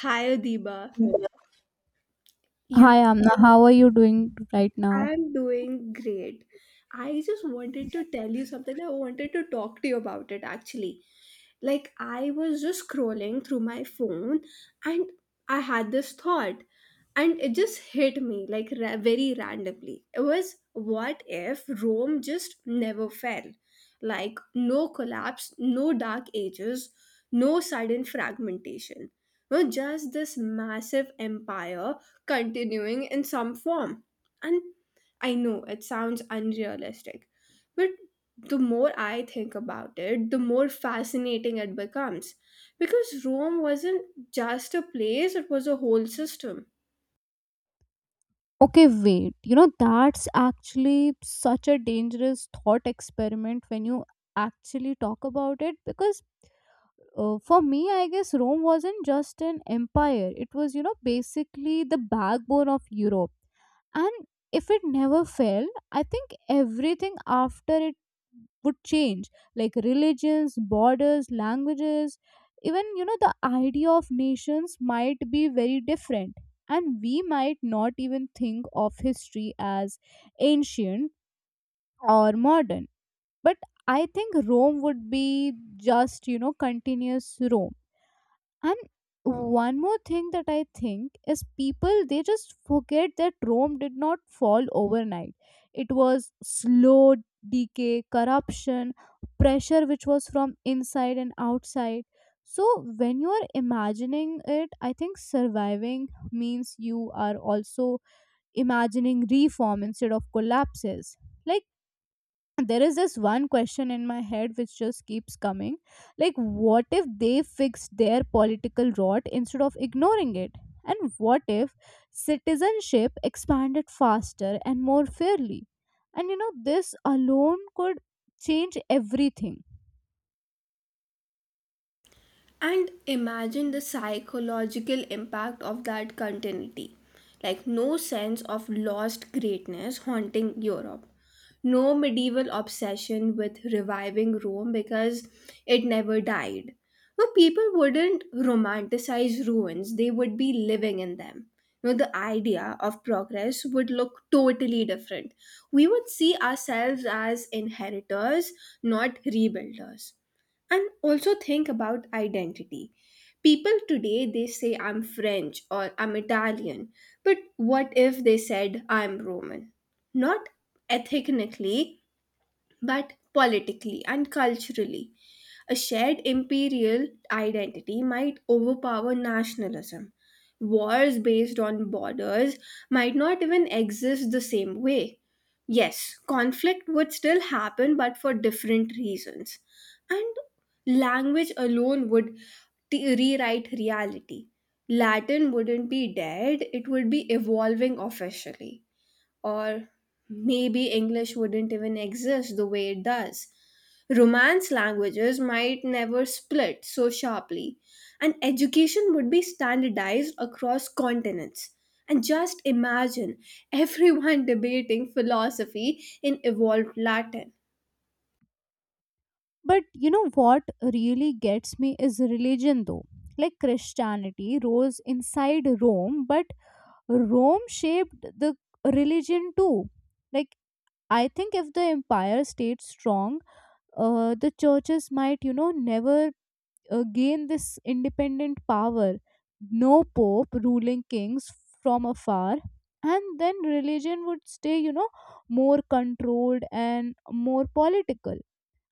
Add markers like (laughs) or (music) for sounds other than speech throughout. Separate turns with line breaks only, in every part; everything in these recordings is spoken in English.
Hi, Adiba. You
Hi, Amna. How are you doing right now?
I'm doing great. I just wanted to tell you something. I wanted to talk to you about it actually. Like, I was just scrolling through my phone and I had this thought, and it just hit me very randomly. It was, what if Rome just never fell? Like, no collapse, no dark ages, no sudden fragmentation. No, just this massive empire continuing in some form. And I know it sounds unrealistic, but the more I think about it, the more fascinating it becomes. Because Rome wasn't just a place, it was a whole system.
Okay, wait. You know, that's actually such a dangerous thought experiment when you actually talk about it because for me, I guess Rome wasn't just an empire. It was, basically the backbone of Europe. And if it never fell, I think everything after it would change, like religions, borders, languages, even, the idea of nations might be very different. And we might not even think of history as ancient or modern. But I think Rome would be just, continuous Rome. And one more thing that I think is, people they just forget that Rome did not fall overnight. It was slow decay, corruption, pressure which was from inside and outside. So when you are imagining it, I think surviving means you are also imagining reform instead of collapses. Like, there is this one question in my head which just keeps coming, like what if they fix their political rot instead of ignoring it, and what if citizenship expanded faster and more fairly? And this alone could change everything.
And imagine the psychological impact of that continuity. Like, no sense of lost greatness haunting Europe. No medieval obsession with reviving Rome because it never died. No, people wouldn't romanticize ruins, they would be living in them. No, the idea of progress would look totally different. We would see ourselves as inheritors, not rebuilders, and also think about identity. People today, they say I'm French or I'm Italian, but what if they said I'm Roman? Not ethnically, but politically and culturally. A shared imperial identity might overpower nationalism. Wars based on borders might not even exist the same way. Yes, conflict would still happen, but for different reasons. And language alone would rewrite reality. Latin wouldn't be dead, it would be evolving officially, or maybe English wouldn't even exist the way it does. Romance languages might never split so sharply, and education would be standardized across continents. And just imagine everyone (laughs) debating philosophy in evolved Latin.
But what really gets me is religion though. Like, Christianity rose inside Rome, but Rome shaped the religion too. Like, I think if the empire stayed strong, the churches might, never gain this independent power. No pope ruling kings from afar. And then religion would stay, more controlled and more political.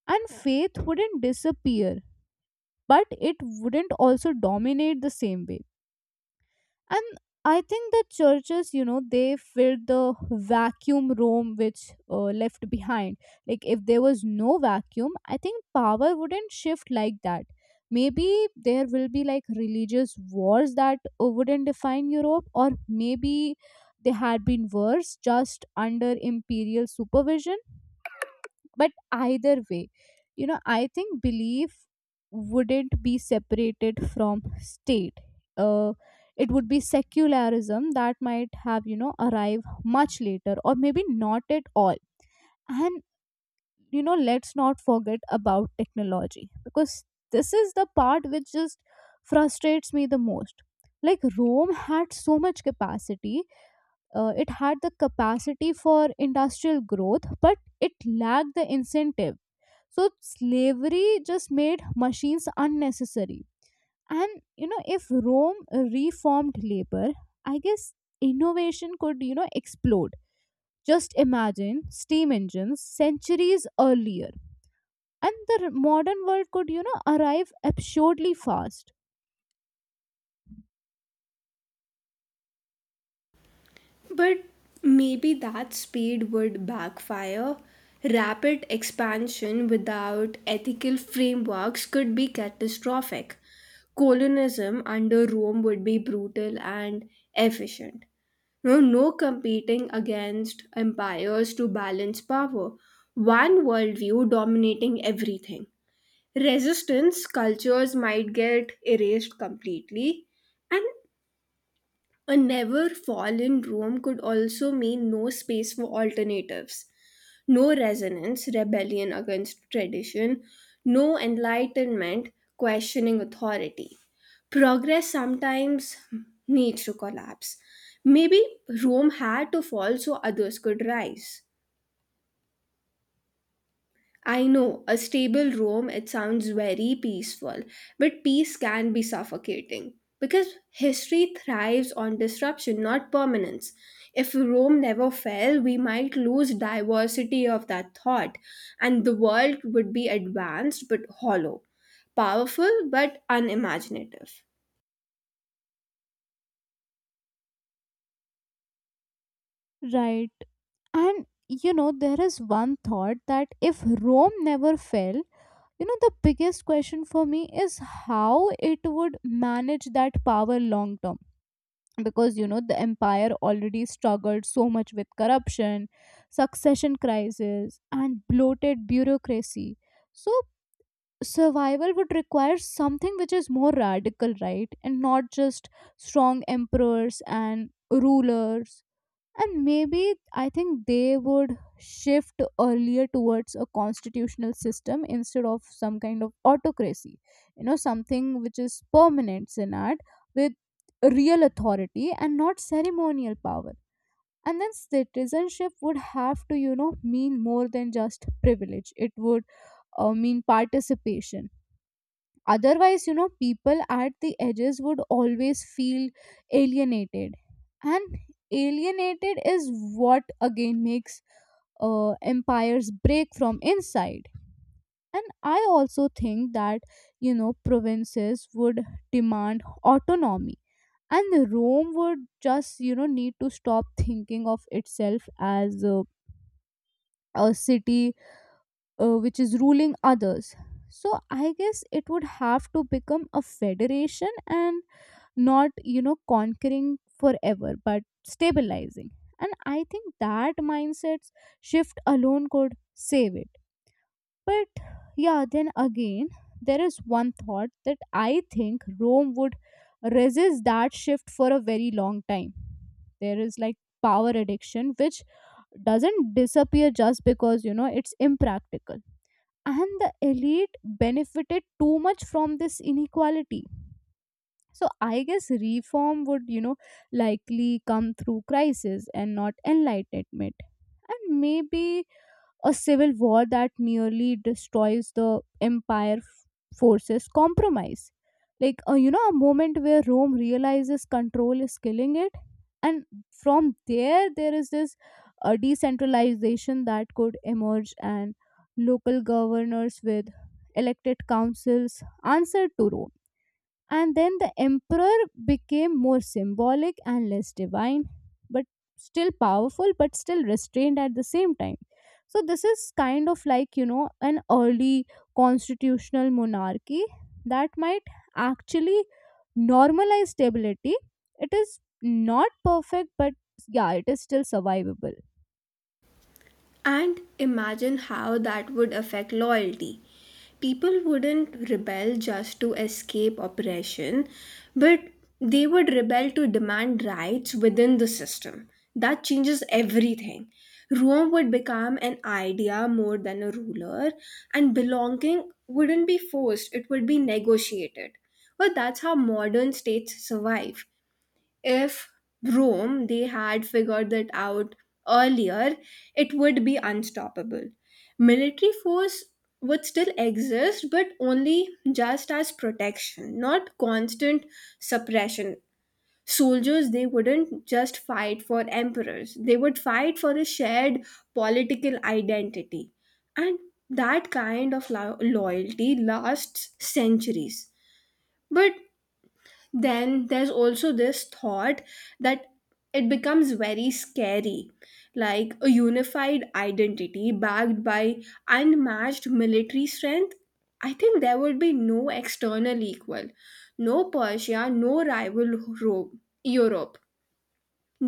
And faith wouldn't disappear, but it wouldn't also dominate the same way. And I think that churches, they filled the vacuum Rome which left behind. Like, if there was no vacuum, I think power wouldn't shift like that. Maybe there will be like religious wars that wouldn't define Europe, or maybe they had been worse just under imperial supervision. But either way, I think belief wouldn't be separated from state. uh, it would be secularism that might have, arrive much later, or maybe not at all. And let's not forget about technology, because this is the part which just frustrates me the most. Like, Rome had so much capacity. It had the capacity for industrial growth, but it lacked the incentive. So slavery just made machines unnecessary. And if Rome reformed labor, I guess innovation could, explode. Just imagine steam engines centuries earlier. And the modern world could, arrive absurdly fast.
But maybe that speed would backfire. Rapid expansion without ethical frameworks could be catastrophic. Colonism under Rome would be brutal and efficient. No, no competing against empires to balance power. One worldview dominating everything. Resistance cultures might get erased completely, and a never fall in Rome could also mean no space for alternatives, no resonance, rebellion against tradition, no enlightenment, questioning authority. Progress sometimes needs to collapse. Maybe Rome had to fall so others could rise. I know a stable room, it sounds very peaceful, but peace can be suffocating because history thrives on disruption, not permanence. If Rome never fell, we might lose diversity of that thought, and the world would be advanced but hollow, powerful but unimaginative.
Right. And there is one thought that if Rome never fell, the biggest question for me is how it would manage that power long term. Because, the empire already struggled so much with corruption, succession crisis, and bloated bureaucracy. So, survival would require something which is more radical, right? And not just strong emperors and rulers. And maybe I think they would shift earlier towards a constitutional system instead of some kind of autocracy. Something which is permanent senate with real authority and not ceremonial power. And then citizenship would have to mean more than just privilege. It would mean participation. Otherwise, people at the edges would always feel alienated. And alienated is what again makes empires break from inside. And I also think that provinces would demand autonomy. And Rome would just need to stop thinking of itself as a city which is ruling others. So I guess it would have to become a federation, and not conquering forever but stabilizing. And I think that mindset shift alone could save it. But yeah, then again, there is one thought that I think Rome would resist that shift for a very long time. There is like power addiction which doesn't disappear just because it's impractical. And the elite benefited too much from this inequality. So I guess reform would, likely come through crisis and not enlightenment. And maybe a civil war that merely destroys the empire forces compromise. Like, a moment where Rome realizes control is killing it. And from there, there is this decentralization that could emerge, and local governors with elected councils answer to Rome. And then the emperor became more symbolic and less divine, but still powerful, but still restrained at the same time. So this is kind of like, an early constitutional monarchy that might actually normalize stability. It is not perfect, but yeah, it is still survivable.
And imagine how that would affect loyalty. People wouldn't rebel just to escape oppression, but they would rebel to demand rights within the system. That changes everything. Rome would become an idea more than a ruler, and belonging wouldn't be forced, it would be negotiated. Well, that's how modern states survive. If Rome they had figured that out earlier, it would be unstoppable. Military force would still exist, but only just as protection, not constant suppression. Soldiers they wouldn't just fight for emperors, they would fight for a shared political identity. And that kind of loyalty lasts centuries. But then there's also this thought that it becomes very scary, like a unified identity backed by unmatched military strength. I think there would be no external equal, no Persia, no rival Rome, Europe,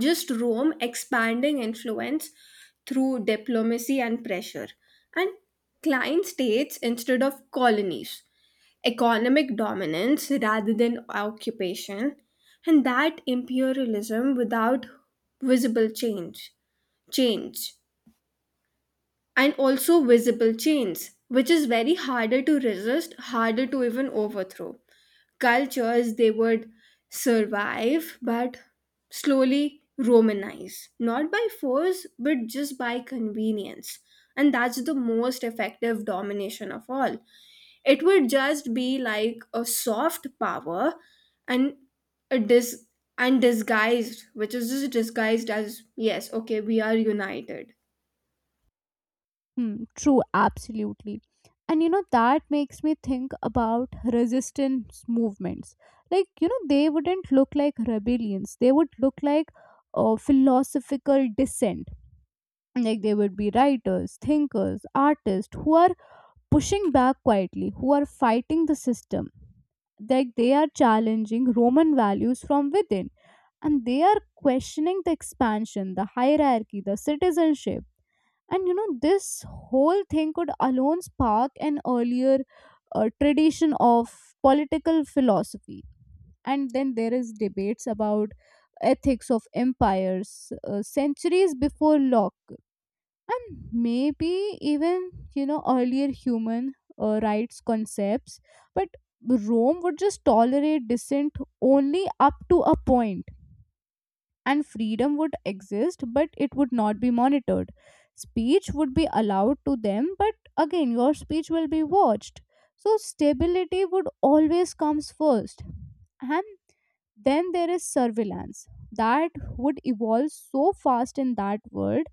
just Rome expanding influence through diplomacy and pressure, and client states instead of colonies, economic dominance rather than occupation, and that imperialism without visible change, change, and also visible change, which is very harder to resist, harder to even overthrow. Cultures they would survive, but slowly Romanize, not by force, but just by convenience. And that's the most effective domination of all. It would just be like a soft power, and a dis and disguised, which is just disguised as, yes, okay, we are united,
Hmm, true, absolutely. And that makes me think about resistance movements. Like, they wouldn't look like rebellions, they would look like philosophical dissent. Like, they would be writers, thinkers, artists who are pushing back quietly, who are fighting the system. Like, they are challenging Roman values from within, and they are questioning the expansion, the hierarchy, the citizenship. And this whole thing could alone spark an earlier tradition of political philosophy. And then there is debates about ethics of empires, centuries before Locke. And maybe even earlier human rights concepts. But Rome would just tolerate dissent only up to a point. And freedom would exist, but it would not be monitored. Speech would be allowed to them, but again your speech will be watched. So stability would always comes first. And then there is surveillance that would evolve so fast in that world.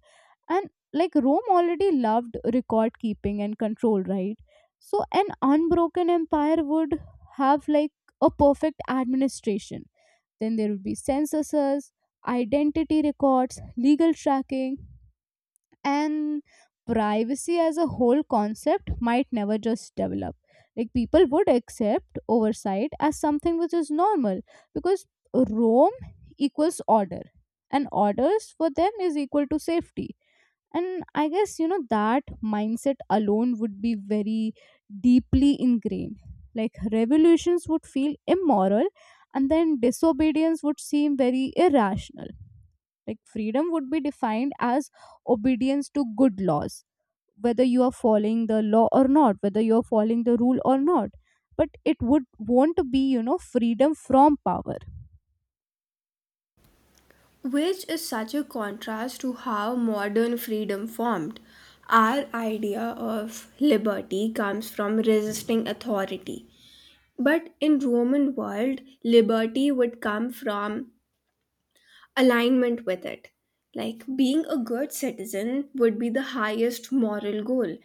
And like, Rome already loved record keeping and control, right? So an unbroken empire would have like a perfect administration. Then there will be censuses, identity records, legal tracking, and privacy as a whole concept might never just develop. Like, people would accept oversight as something which is normal, because Rome equals order, and orders for them is equal to safety. And I guess that mindset alone would be very deeply ingrained. Like revolutions would feel immoral, and then disobedience would seem very irrational. Like, freedom would be defined as obedience to good laws, whether you are following the law or not, whether you are following the rule or not. But it would want to be, freedom from power.
which is such a contrast to how modern freedom formed. Our idea of liberty comes from resisting authority, but in Roman world, liberty would come from alignment with it. Like being a good citizen would be the highest moral goal.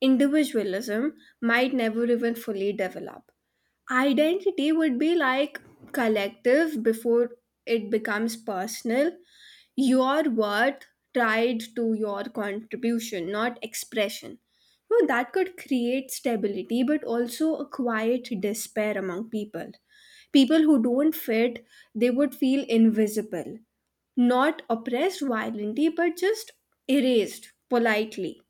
Individualism might never even fully develop. Identity would be like collective before it becomes personal. Your worth tied to your contribution, not expression. No, that could create stability, but also a quiet despair among people. People who don't fit, they would feel invisible, not oppressed violently, but just erased politely,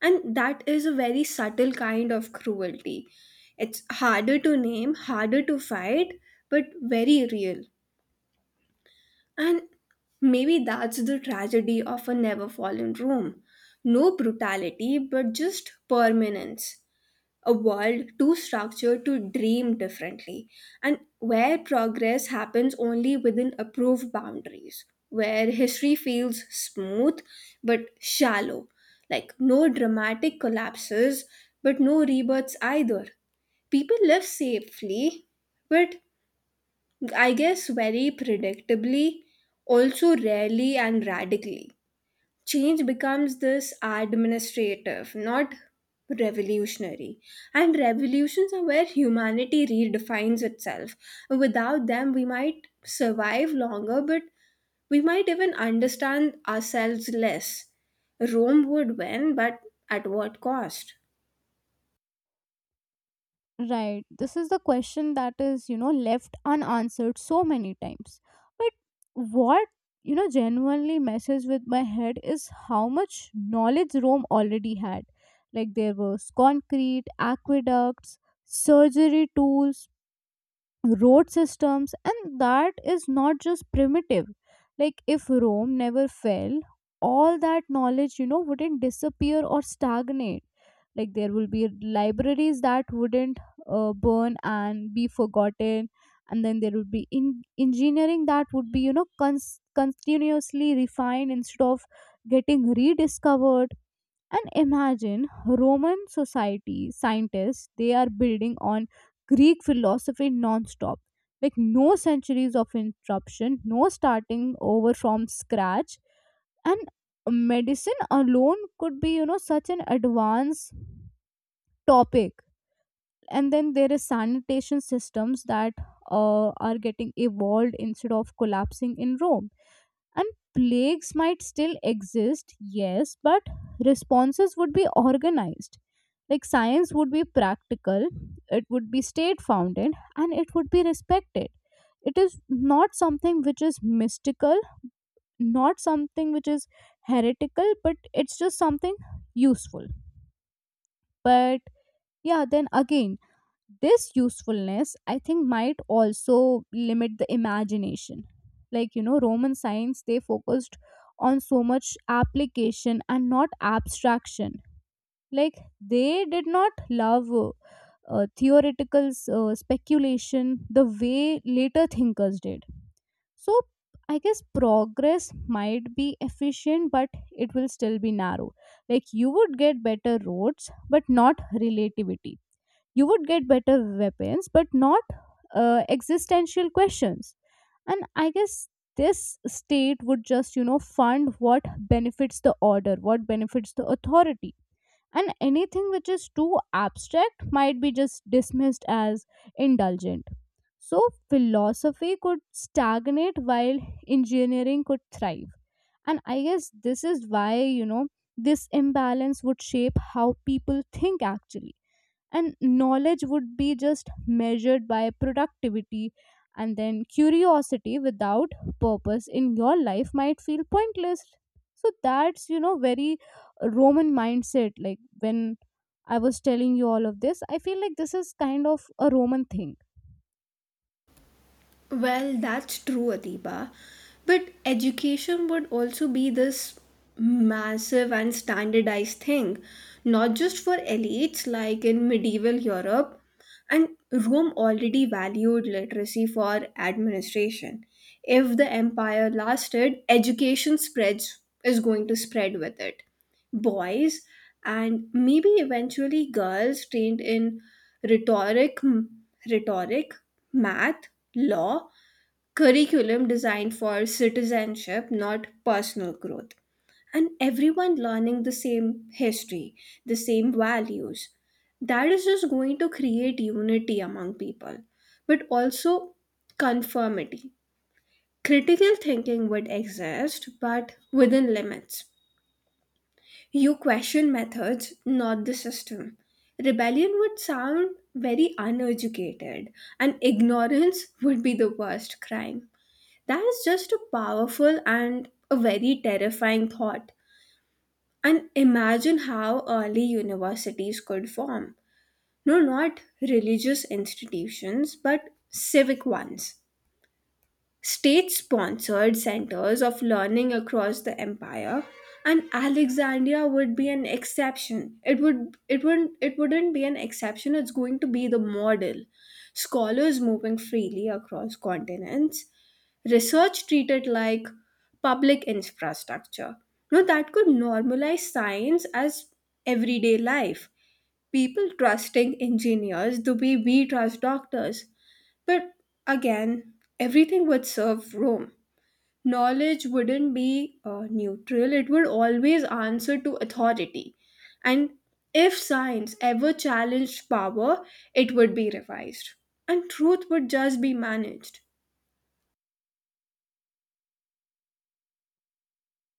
and that is a very subtle kind of cruelty. It's harder to name, harder to fight, but very real. And maybe that's the tragedy of a never fallen Rome: no brutality but just permanence, a world too structured to dream differently, and where progress happens only within approved boundaries, where history feels smooth but shallow, like no dramatic collapses but no rebirths either. People live safely, but I guess very predictably, also rarely and radically change becomes this administrative, not revolutionary. And revolutions are where humanity redefines itself. Without them, we might survive longer, but we might even understand ourselves less. Rome would win, but at what cost?
Right. This is the question that is, left unanswered so many times. But what genuinely messes with my head is how much knowledge Rome already had. Like, there was concrete, aqueducts, surgery tools, road systems, and that is not just primitive. Like, if Rome never fell, all that knowledge wouldn't disappear or stagnate. Like, there will be libraries that wouldn't burn and be forgotten. And then there would be engineering that would be continuously refined instead of getting rediscovered. And imagine Roman society scientists, they are building on Greek philosophy non-stop. Like, no centuries of interruption, no starting over from scratch. And medicine alone could be, such an advanced topic. And then there is sanitation systems that are getting evolved instead of collapsing in Rome. And plagues might still exist, yes, but responses would be organized. Like, science would be practical, it would be state founded and it would be respected. It is not something which is mystical, not something which is heretical, but it's just something useful. But yeah, then again, this usefulness I think might also limit the imagination. Like, Roman science, they focused on so much application and not abstraction. Like, they did not love theoretical speculation the way later thinkers did. So I guess progress might be efficient, but it will still be narrow. Like, you would get better roads but not relativity. You would get better weapons but not existential questions. And I guess this state would just fund what benefits the order, what benefits the authority. And anything which is too abstract might be just dismissed as indulgent. So, philosophy could stagnate while engineering could thrive. And I guess this is why, this imbalance would shape how people think actually. And knowledge would be just measured by productivity. And then curiosity without purpose in your life might feel pointless. So that's very Roman mindset. Like, when I was telling you all of this, I feel like this is kind of a Roman thing.
Well, that's true, Adiba. But education would also be this massive and standardized thing, not just for elites like in medieval Europe. And Rome already valued literacy for administration. If the empire lasted, education spreads is going to spread with it. Boys and maybe eventually girls trained in rhetoric, rhetoric, math, law, curriculum designed for citizenship, not personal growth. And everyone learning the same history, the same values. That is just going to create unity among people, but also conformity. Critical thinking would exist, but within limits. You question methods, not the system. Rebellion would sound very uneducated, and ignorance would be the worst crime. That is just a powerful and a very terrifying thought. And imagine how early universities could form. No, not religious institutions, but civic ones. State sponsored centers of learning across the empire. And Alexandria would be an exception. It wouldn't be an exception, it's going to be the model. Scholars moving freely across continents, research treated like public infrastructure. Now, that could normalize science as everyday life. People trusting engineers the way we trust doctors. But again, everything would serve Rome. Knowledge wouldn't be neutral, it would always answer to authority. And if science ever challenged power, it would be revised. And truth would just be managed.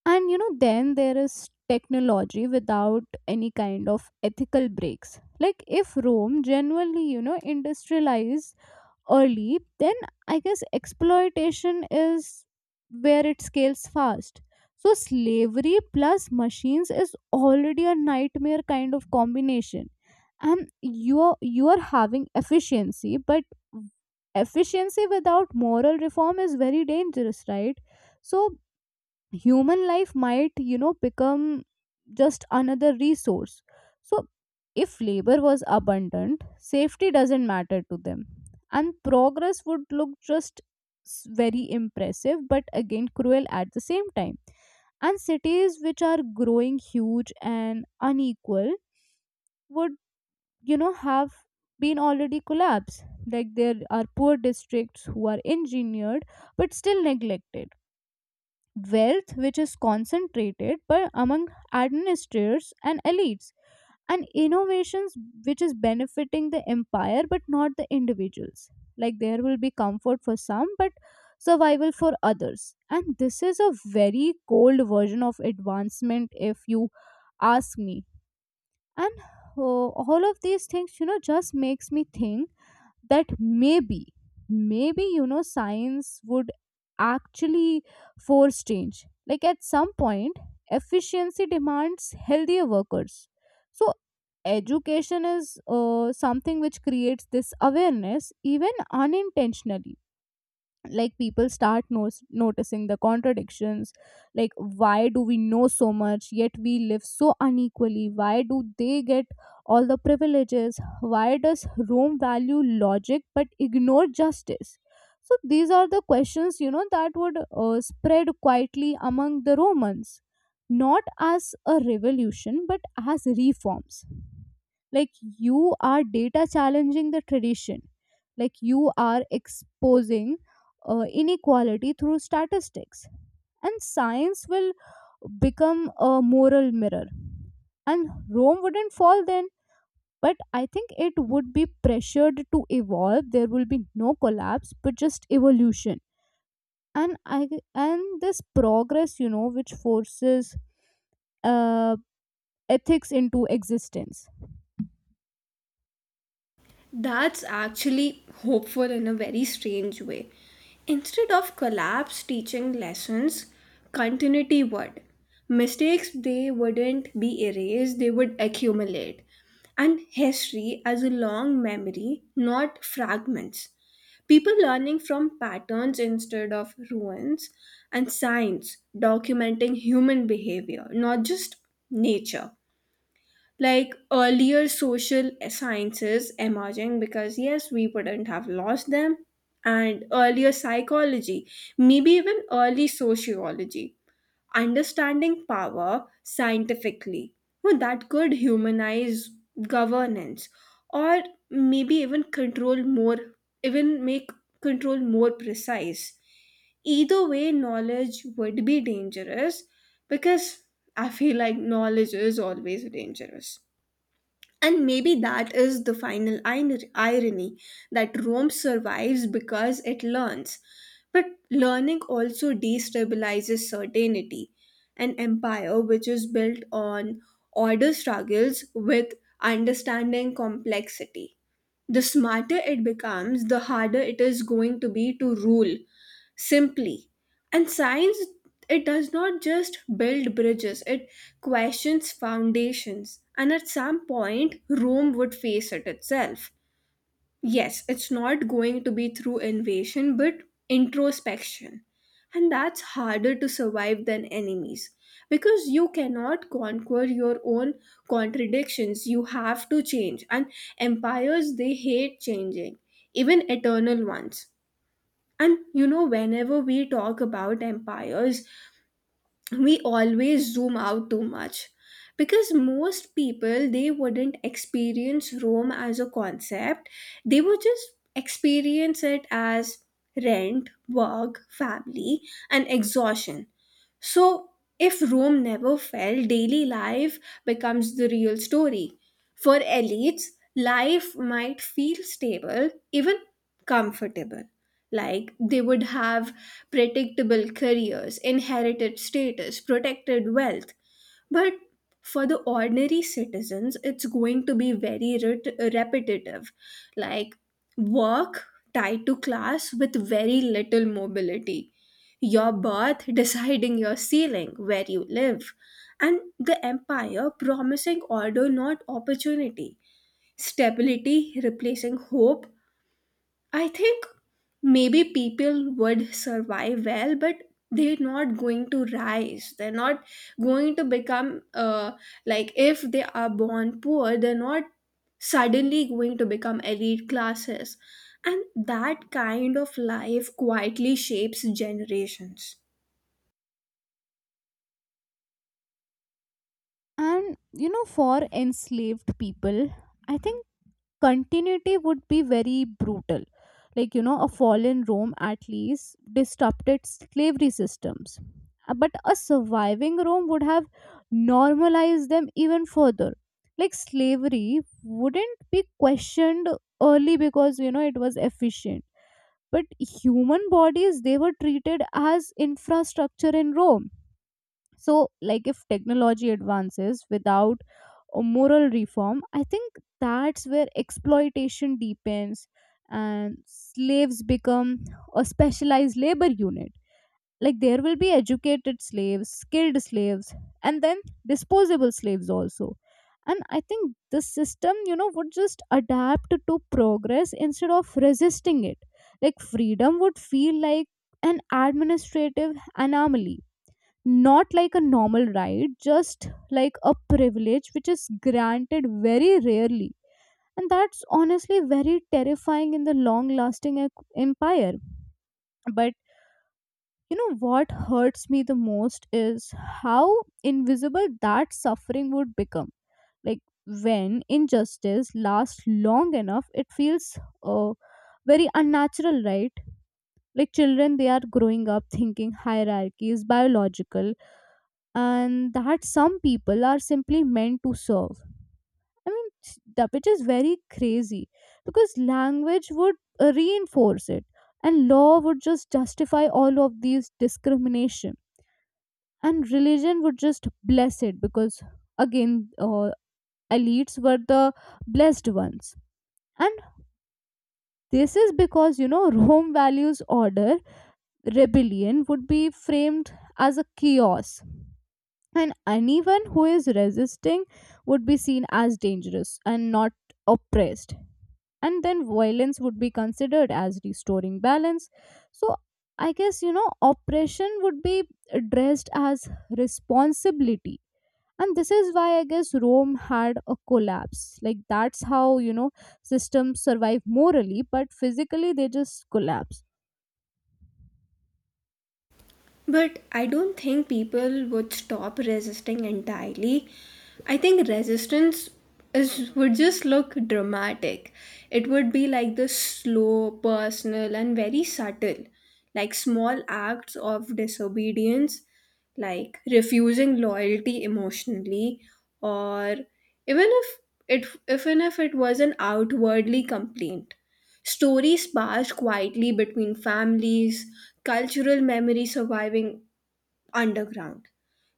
And then there is technology without any kind of ethical breaks. Like, if Rome genuinely industrialized early, then I guess exploitation is where it scales fast. So, slavery plus machines is already a nightmare kind of combination. And you're having efficiency, but efficiency without moral reform is very dangerous, right? So, human life might, become just another resource. So if labor was abundant, safety doesn't matter to them, and progress would look just very impressive, but again cruel at the same time. And cities which are growing huge and unequal would, have been already collapsed. Like there are poor districts who are engineered but still neglected, wealth which is concentrated but among administrators and elites, and innovations which is benefiting the empire but not the individuals. Like there will be comfort for some but survival for others, and this is a very cold version of advancement if you ask me. And all of these things, just makes me think that maybe, maybe science would actually force change. Like at some point efficiency demands healthier workers, so education is, something which creates this awareness even unintentionally. Like people start noticing the contradictions, like why do we know so much yet we live so unequally, why do they get all the privileges, why does Rome value logic but ignore justice? So these are the questions, you know, that would spread quietly among the Romans, not as a revolution but as reforms. Like you are data challenging the tradition, like you are exposing inequality through statistics. And science will become a moral mirror. And Rome wouldn't fall then, but I think it would be pressured to evolve. There will be no collapse, but just evolution. And I and this progress, you know, which forces uh, ethics into existence.
That's actually hopeful in a very strange way. Instead of collapse teaching lessons, continuity would. Mistakes, they wouldn't be erased, they would accumulate. And history as a long memory, not fragments. People learning from patterns instead of ruins, and science documenting human behavior, not just nature, like earlier social sciences emerging, because yes, we wouldn't have lost them, and earlier psychology, maybe even early sociology, understanding power scientifically. Well, that could humanize governance, or maybe even control more, even make control more precise. Either way, knowledge would be dangerous, because I feel like knowledge is always dangerous. And maybe that is the final irony, that Rome survives because it learns. But learning also destabilizes certainty. An empire which is built on order struggles with understanding complexity. The smarter it becomes, the harder it is going to be to rule simply. And science, it does not just build bridges, it questions foundations, and at some point Rome would face it itself. Yes, it's not going to be through invasion, but introspection, and that's harder to survive than enemies, because you cannot conquer your own contradictions. You have to change, and empires they hate changing, even eternal ones. And you know, whenever we talk about empires, we always zoom out too much, because most people they wouldn't experience Rome as a concept, they would just experience it as rent, work, family, and exhaustion. So, if Rome never fell, daily life becomes the real story. For elites, life might feel stable, even comfortable. Like they would have predictable careers, inherited status, protected wealth, but for the ordinary citizens, it's going to be very repetitive, like work tied to class with very little mobility, your birth (laughs) deciding your ceiling, where you live, and the empire promising order, not opportunity, stability replacing hope. I think maybe people would survive well, but they're not going to rise. They're not going to become, like, if they are born poor, they're not suddenly going to become elite classes. And that kind of life quietly shapes generations.
And you know, for enslaved people, I think continuity would be very brutal. Like, you know, a fallen Rome at least disrupted slavery systems. But a surviving Rome would have normalized them even further. Like slavery wouldn't be questioned early because, you know, it was efficient, but human bodies, they were treated as infrastructure in Rome. So, like if technology advances without a moral reform, I think that's where exploitation deepens and slaves become a specialized labor unit. Like there will be educated slaves, skilled slaves, and then disposable slaves also. And I think the system, you know, would just adapt to progress instead of resisting it. Like freedom would feel like an administrative anomaly, not like a normal right, just like a privilege which is granted very rarely. And that's honestly very terrifying in the long lasting empire. But you know what hurts me the most is how invisible that suffering would become. Like when injustice lasts long enough, it feels, uh, very unnatural, right? Like children, they are growing up thinking hierarchy is biological and that some people are simply meant to serve. I mean, s- the which is very crazy because language would reinforce it, and law would just justify all of these discrimination, and religion would just bless it because again, elites were the blessed ones. And this is because, you know, Rome values order, rebellion would be framed as a chaos, and anyone who is resisting would be seen as dangerous and not oppressed, and then violence would be considered as restoring balance. So I guess, you know, oppression would be addressed as responsibility. And this is why I guess Rome had a collapse. Like that's how, you know, systems survive morally but physically they just collapse.
But I don't think people would stop resisting entirely. I think resistance is would just look dramatic. It would be like this slow, personal, and very subtle, like small acts of disobedience, like refusing loyalty emotionally, or even if it even if it was an outwardly complaint. Stories passed quietly between families, cultural memory surviving underground,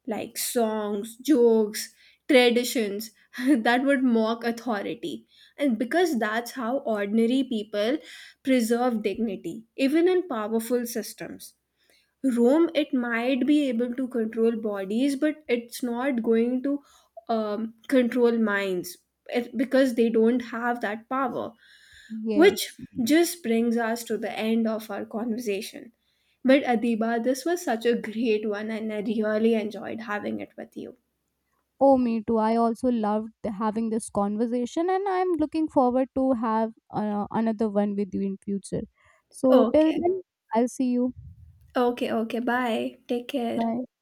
like songs, jokes, traditions (laughs) that would mock authority. And because that's how ordinary people preserve dignity, even in powerful systems. Rome, it might be able to control bodies, but it's not going to control minds, because they don't have that power, which
Yes.
just brings us to the end of our conversation. But Adiba, this was such a great one and I really enjoyed having it with you.
Oh, me too. I also loved having this conversation, and I'm looking forward to have another one with you in future. So till
Okay.
then, I'll see you.
Okay, okay. Bye. Take care.
Bye.